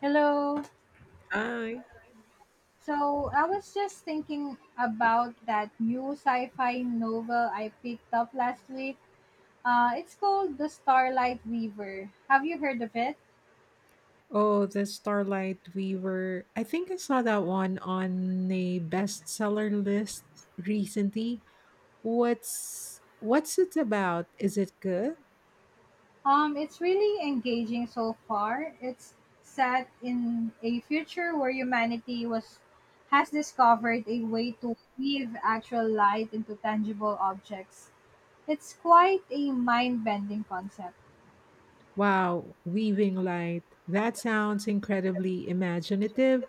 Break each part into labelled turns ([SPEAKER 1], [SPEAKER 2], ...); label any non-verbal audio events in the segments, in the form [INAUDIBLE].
[SPEAKER 1] Hello.
[SPEAKER 2] Hi.
[SPEAKER 1] So I was just thinking about that new sci-fi novel I picked up last week. It's called The Starlight Weaver. Have you heard of it?
[SPEAKER 2] Oh, the Starlight we were I think I saw that one on a bestseller list recently. What's it about? Is it good?
[SPEAKER 1] It's really engaging so far. It's set in a future where humanity was has discovered a way to weave actual light into tangible objects. It's quite a mind-bending concept.
[SPEAKER 2] Wow, weaving light. That sounds incredibly imaginative.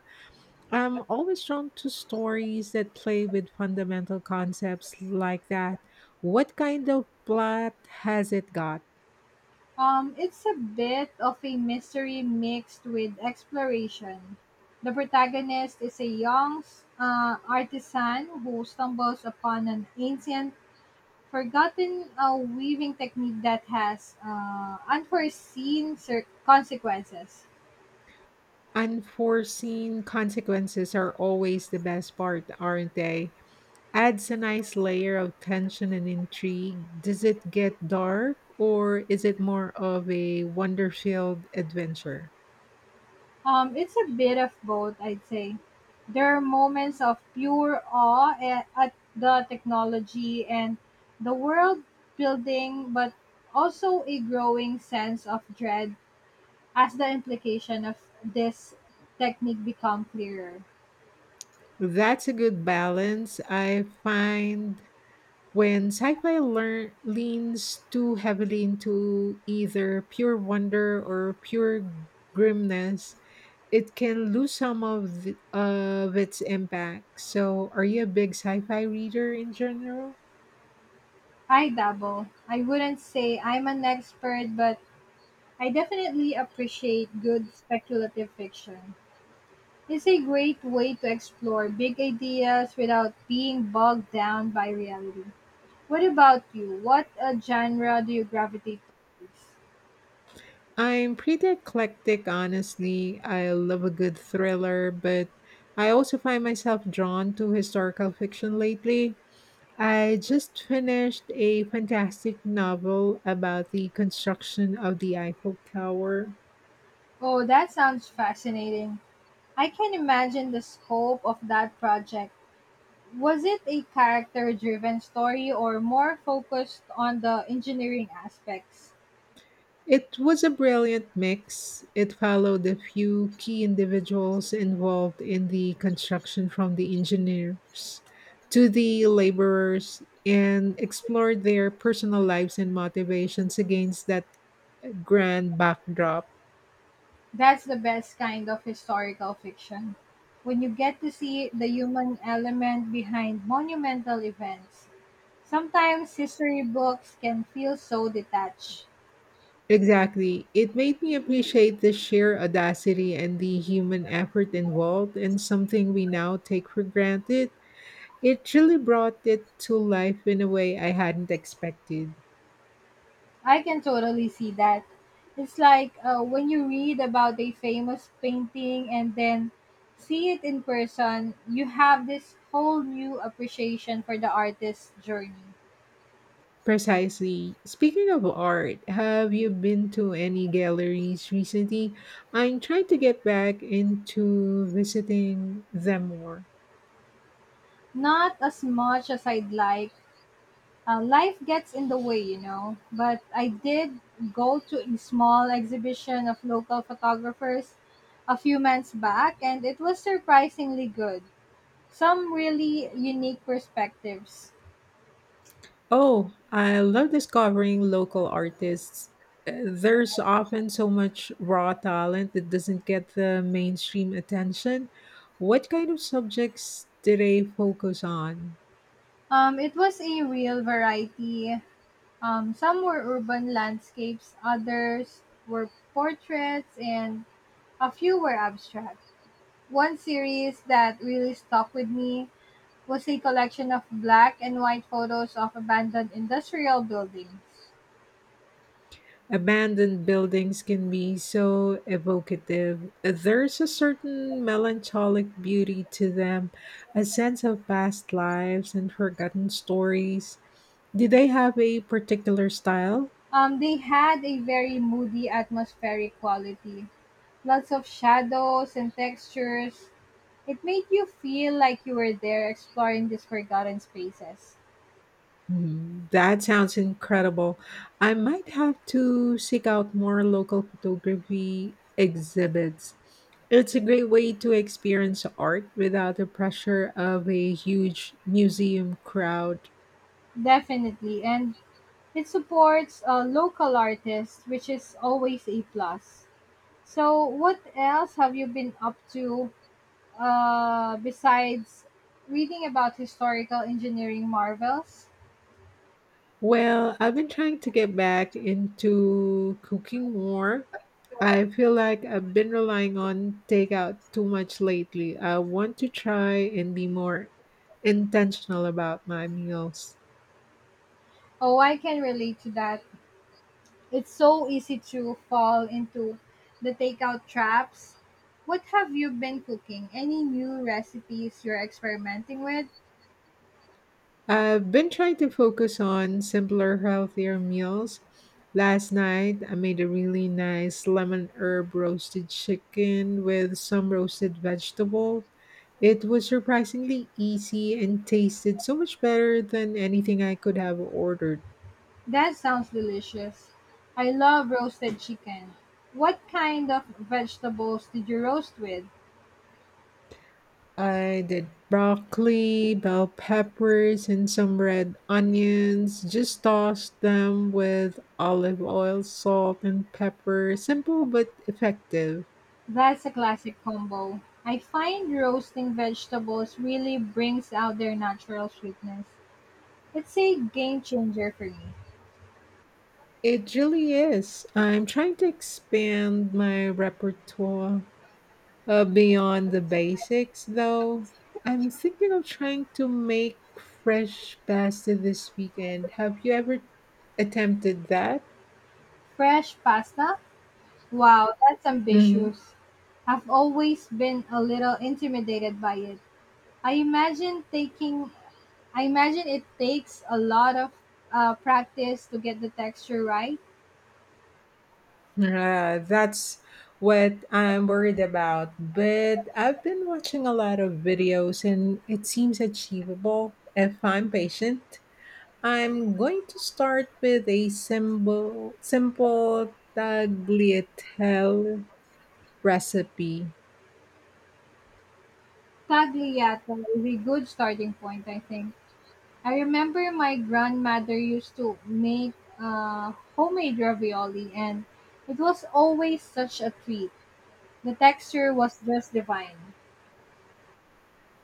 [SPEAKER 2] I'm always drawn to stories that play with fundamental concepts like that. What kind of plot has it got?
[SPEAKER 1] It's a bit of a mystery mixed with exploration. The protagonist is a young artisan who stumbles upon an ancient, forgotten weaving technique that has unforeseen consequences.
[SPEAKER 2] Unforeseen consequences are always the best part, aren't they? Adds a nice layer of tension and intrigue. Does it get dark or is it more of a wonder-filled adventure?
[SPEAKER 1] It's a bit of both, I'd say. There are moments of pure awe at the technology and the world building, but also a growing sense of dread as the implication of this technique become clearer.
[SPEAKER 2] That's a good balance. I find When leans too heavily into either pure wonder or pure grimness, it can lose some of of its impact. So, are you a big sci-fi reader in general?
[SPEAKER 1] I dabble. I wouldn't say I'm an expert, but I definitely appreciate good speculative fiction. It's a great way to explore big ideas without being bogged down by reality. What about you? What genre do you gravitate towards?
[SPEAKER 2] I'm pretty eclectic, honestly. I love a good thriller, but I also find myself drawn to historical fiction lately. I just finished a fantastic novel about the construction of the Eiffel Tower.
[SPEAKER 1] Oh, that sounds fascinating. I can imagine the scope of that project. Was it a character driven story or more focused on the engineering aspects?
[SPEAKER 2] It was a brilliant mix. It followed a few key individuals involved in the construction, from the engineers to the laborers, and explored their personal lives and motivations against that grand backdrop.
[SPEAKER 1] That's the best kind of historical fiction. When you get to see the human element behind monumental events, sometimes history books can feel so detached.
[SPEAKER 2] Exactly. It made me appreciate the sheer audacity and the human effort involved in something we now take for granted. It truly brought it to life in a way I hadn't expected.
[SPEAKER 1] I can totally see that. It's like when you read about a famous painting and then see it in person, you have this whole new appreciation for the artist's journey.
[SPEAKER 2] Precisely. Speaking of art, have you been to any galleries recently? I'm trying to get back into visiting them more.
[SPEAKER 1] Not as much as I'd like. Life gets in the way, you know. But I did go to a small exhibition of local photographers a few months back, and it was surprisingly good. Some really unique perspectives.
[SPEAKER 2] Oh, I love discovering local artists. There's often so much raw talent that doesn't get the mainstream attention. What kind of subjects do they focus on?
[SPEAKER 1] It was a real variety. Some were urban landscapes, others were portraits, and a few were abstract. One series that really stuck with me was a collection of black and white photos of abandoned industrial buildings.
[SPEAKER 2] Abandoned buildings can be so evocative. There's a certain melancholic beauty to them, a sense of past lives and forgotten stories. Do they have a particular style?
[SPEAKER 1] They had a very moody atmospheric quality, lots of shadows and textures. It made you feel like you were there exploring these forgotten spaces.
[SPEAKER 2] Mhm. That sounds incredible. I might have to seek out more local photography exhibits. It's a great way to experience art without the pressure of a huge museum crowd.
[SPEAKER 1] Definitely, and it supports local artists, which is always a plus. So, what else have you been up to besides reading about historical engineering marvels?
[SPEAKER 2] Well, I've been trying to get back into cooking more. I feel like I've been relying on takeout too much lately. I want to try and be more intentional about my meals.
[SPEAKER 1] Oh, I can relate to that. It's so easy to fall into the takeout traps. What have you been cooking? Any new recipes you're experimenting with?
[SPEAKER 2] I've been trying to focus on simpler, healthier meals. Last night, I made a really nice lemon herb roasted chicken with some roasted vegetables. It was surprisingly easy and tasted so much better than anything I could have ordered.
[SPEAKER 1] That sounds delicious. I love roasted chicken. What kind of vegetables did you roast with?
[SPEAKER 2] I did broccoli, bell peppers, and some red onions. Just tossed them with olive oil, salt, and pepper. Simple but effective.
[SPEAKER 1] That's a classic combo. I find roasting vegetables really brings out their natural sweetness. It's a game changer for me.
[SPEAKER 2] It really is. I'm trying to expand my repertoire. Beyond the basics, though, I'm thinking of trying to make fresh pasta this weekend. Have you ever attempted that?
[SPEAKER 1] Fresh pasta? Wow, that's
[SPEAKER 2] Mm-hmm.
[SPEAKER 1] ambitious. I've always been a little intimidated by it. I imagine taking I imagine it takes a lot of practice to get the texture right.
[SPEAKER 2] That's what I'm worried about. But I've been watching a lot of videos and it seems achievable if I'm patient. I'm going to start with a simple tagliatelle recipe.
[SPEAKER 1] Tagliata is a good starting point, I think. I remember my grandmother used to make homemade ravioli, and it was always such a treat. The texture was just divine.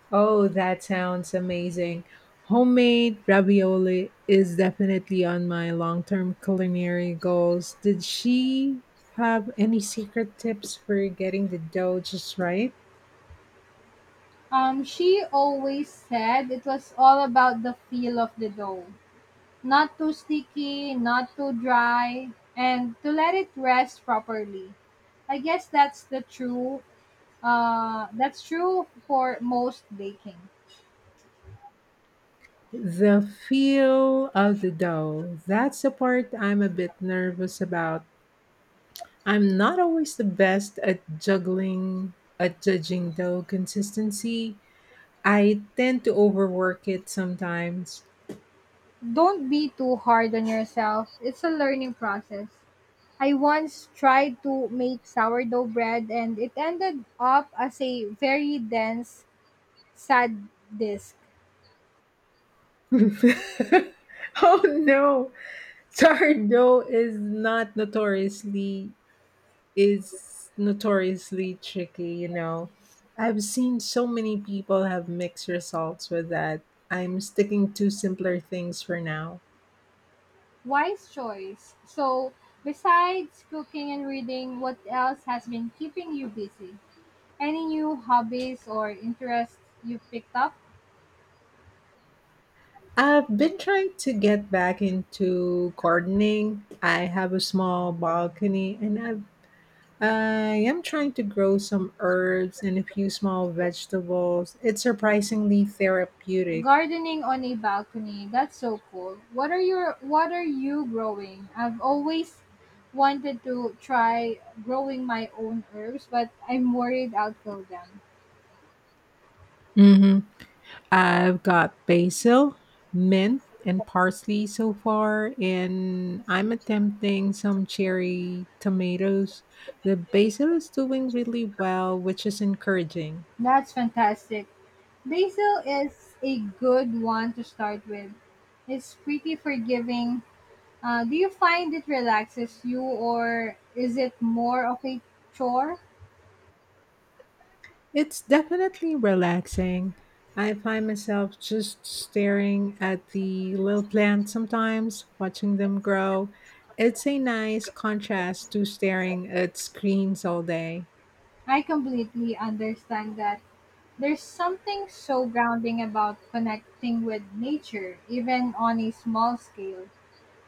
[SPEAKER 2] Oh, that sounds amazing. Homemade ravioli is definitely on my long term culinary goals. Did she have any secret tips for getting the dough just right?
[SPEAKER 1] She always said it was all about the feel of the dough. Not too sticky, not too dry, and to let it rest properly. I guess that's true for most baking.
[SPEAKER 2] The feel of the dough. That's the part I'm a bit nervous about. I'm not always the best at judging dough consistency. I tend to overwork it sometimes.
[SPEAKER 1] Don't be too hard on yourself. It's a learning process. I once tried to make sourdough bread and it ended up as a very dense, sad disk.
[SPEAKER 2] [LAUGHS] Oh no. [LAUGHS] Sourdough is not notoriously is notoriously tricky, you know. I've seen so many people have mixed results with that. I'm sticking to simpler things for now.
[SPEAKER 1] Wise choice. So, besides cooking and reading, what else has been keeping you busy? Any new hobbies or interests you've picked up?
[SPEAKER 2] I've been trying to get back into gardening. I have a small balcony and I am trying to grow some herbs and a few small vegetables. It's surprisingly therapeutic.
[SPEAKER 1] Gardening on a balcony. That's so cool. What are you growing? I've always wanted to try growing my own herbs, but I'm worried I'll kill them.
[SPEAKER 2] Mhm. I've got basil, mint, and parsley so far, and I'm attempting some cherry tomatoes. The basil is doing really well, which is encouraging.
[SPEAKER 1] That's fantastic. Basil is a good one to start with. It's pretty forgiving. Do you find it relaxes you or is it more of a chore?
[SPEAKER 2] It's definitely relaxing. I find myself just staring at the little plants sometimes, watching them grow. It's a nice contrast to staring at screens all day.
[SPEAKER 1] I completely understand that. There's something so grounding about connecting with nature, even on a small scale.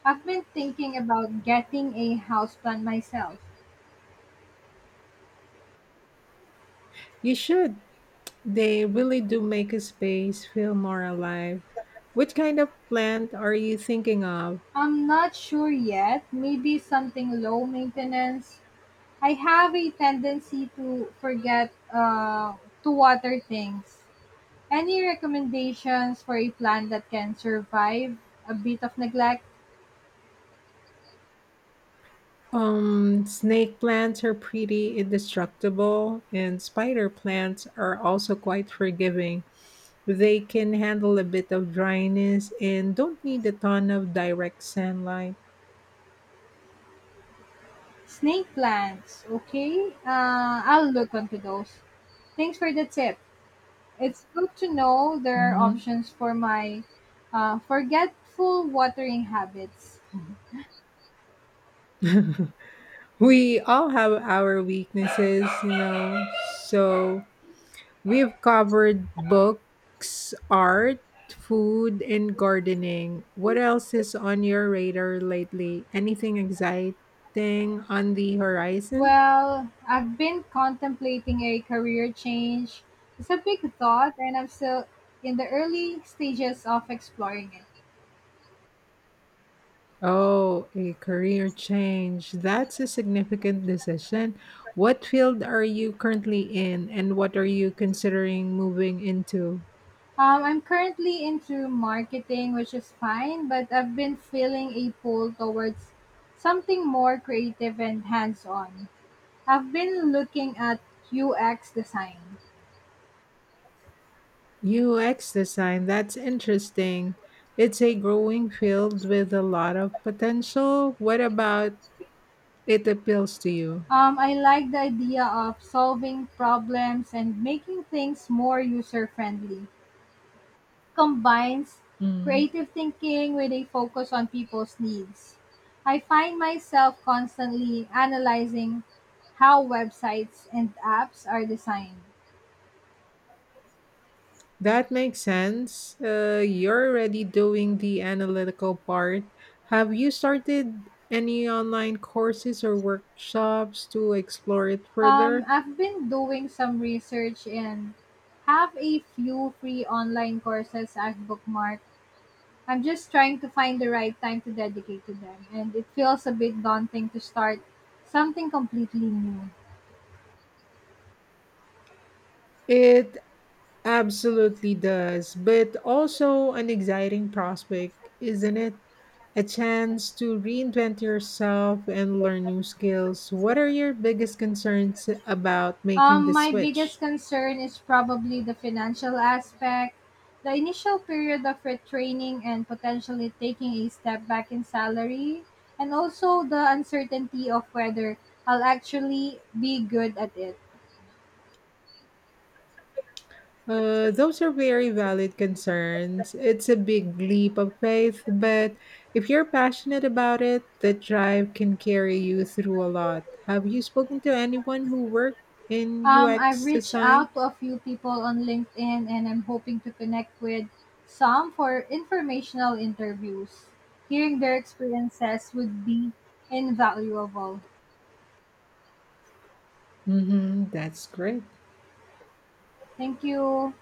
[SPEAKER 1] I've been thinking about getting a houseplant myself.
[SPEAKER 2] You should. They really do make a space feel more alive. Which kind of plant are you thinking of?
[SPEAKER 1] I'm not sure yet, maybe something low maintenance. I have a tendency to forget to water things. Any recommendations for a plant that can survive a bit of neglect?
[SPEAKER 2] Snake plants are pretty indestructible, and spider plants are also quite forgiving. They can handle a bit of dryness and don't need a ton of direct sunlight.
[SPEAKER 1] Snake plants, okay? I'll look onto those. Thanks for the tip. It's good to know there are
[SPEAKER 2] Mhm.
[SPEAKER 1] options for my forgetful watering habits.
[SPEAKER 2] [LAUGHS] We all have our weaknesses, you know, so. We've covered books, art, food, and gardening. What else is on your radar lately? Anything exciting on the horizon?
[SPEAKER 1] Well, I've been contemplating a career change. It's a big thought, and I'm still in the early stages of exploring it.
[SPEAKER 2] Oh, a career change. That's a significant decision. What field are you currently in, and what are you considering moving into?
[SPEAKER 1] I'm currently into marketing, which is fine, but I've been feeling a pull towards something more creative and hands on. I've been looking at UX design.
[SPEAKER 2] UX design. That's interesting. It's a growing field with a lot of potential. What about It appeals to you.
[SPEAKER 1] I like the idea of solving problems and making things more user friendly. Combines
[SPEAKER 2] Mm.
[SPEAKER 1] creative thinking with a focus on people's needs. I find myself constantly analyzing how websites and apps are designed.
[SPEAKER 2] That makes sense. You're already doing the analytical part. Have you started any online courses or workshops to explore it
[SPEAKER 1] Um,
[SPEAKER 2] further?
[SPEAKER 1] I've been doing some research and have a few free online courses I've bookmarked. I'm just trying to find the right time to dedicate to them, and it feels a bit daunting to start something completely new.
[SPEAKER 2] It absolutely does, but also an exciting prospect, isn't it? A chance to reinvent yourself and learn new skills. What are your biggest concerns about making
[SPEAKER 1] Um,
[SPEAKER 2] the
[SPEAKER 1] my biggest
[SPEAKER 2] switch?
[SPEAKER 1] concern is probably the financial aspect. The initial period of retraining and potentially taking a step back in salary, and also the uncertainty of whether I'll actually be good at it.
[SPEAKER 2] Those are very valid concerns. It's a big leap of faith, but if you're passionate about it, the drive can carry you through a lot. Have you spoken to anyone who worked in
[SPEAKER 1] I've
[SPEAKER 2] UX
[SPEAKER 1] reached
[SPEAKER 2] design?
[SPEAKER 1] out to a few people on LinkedIn and I'm hoping to connect with some for informational interviews. Hearing their experiences would be invaluable.
[SPEAKER 2] Mm-hmm, that's great.
[SPEAKER 1] Thank you.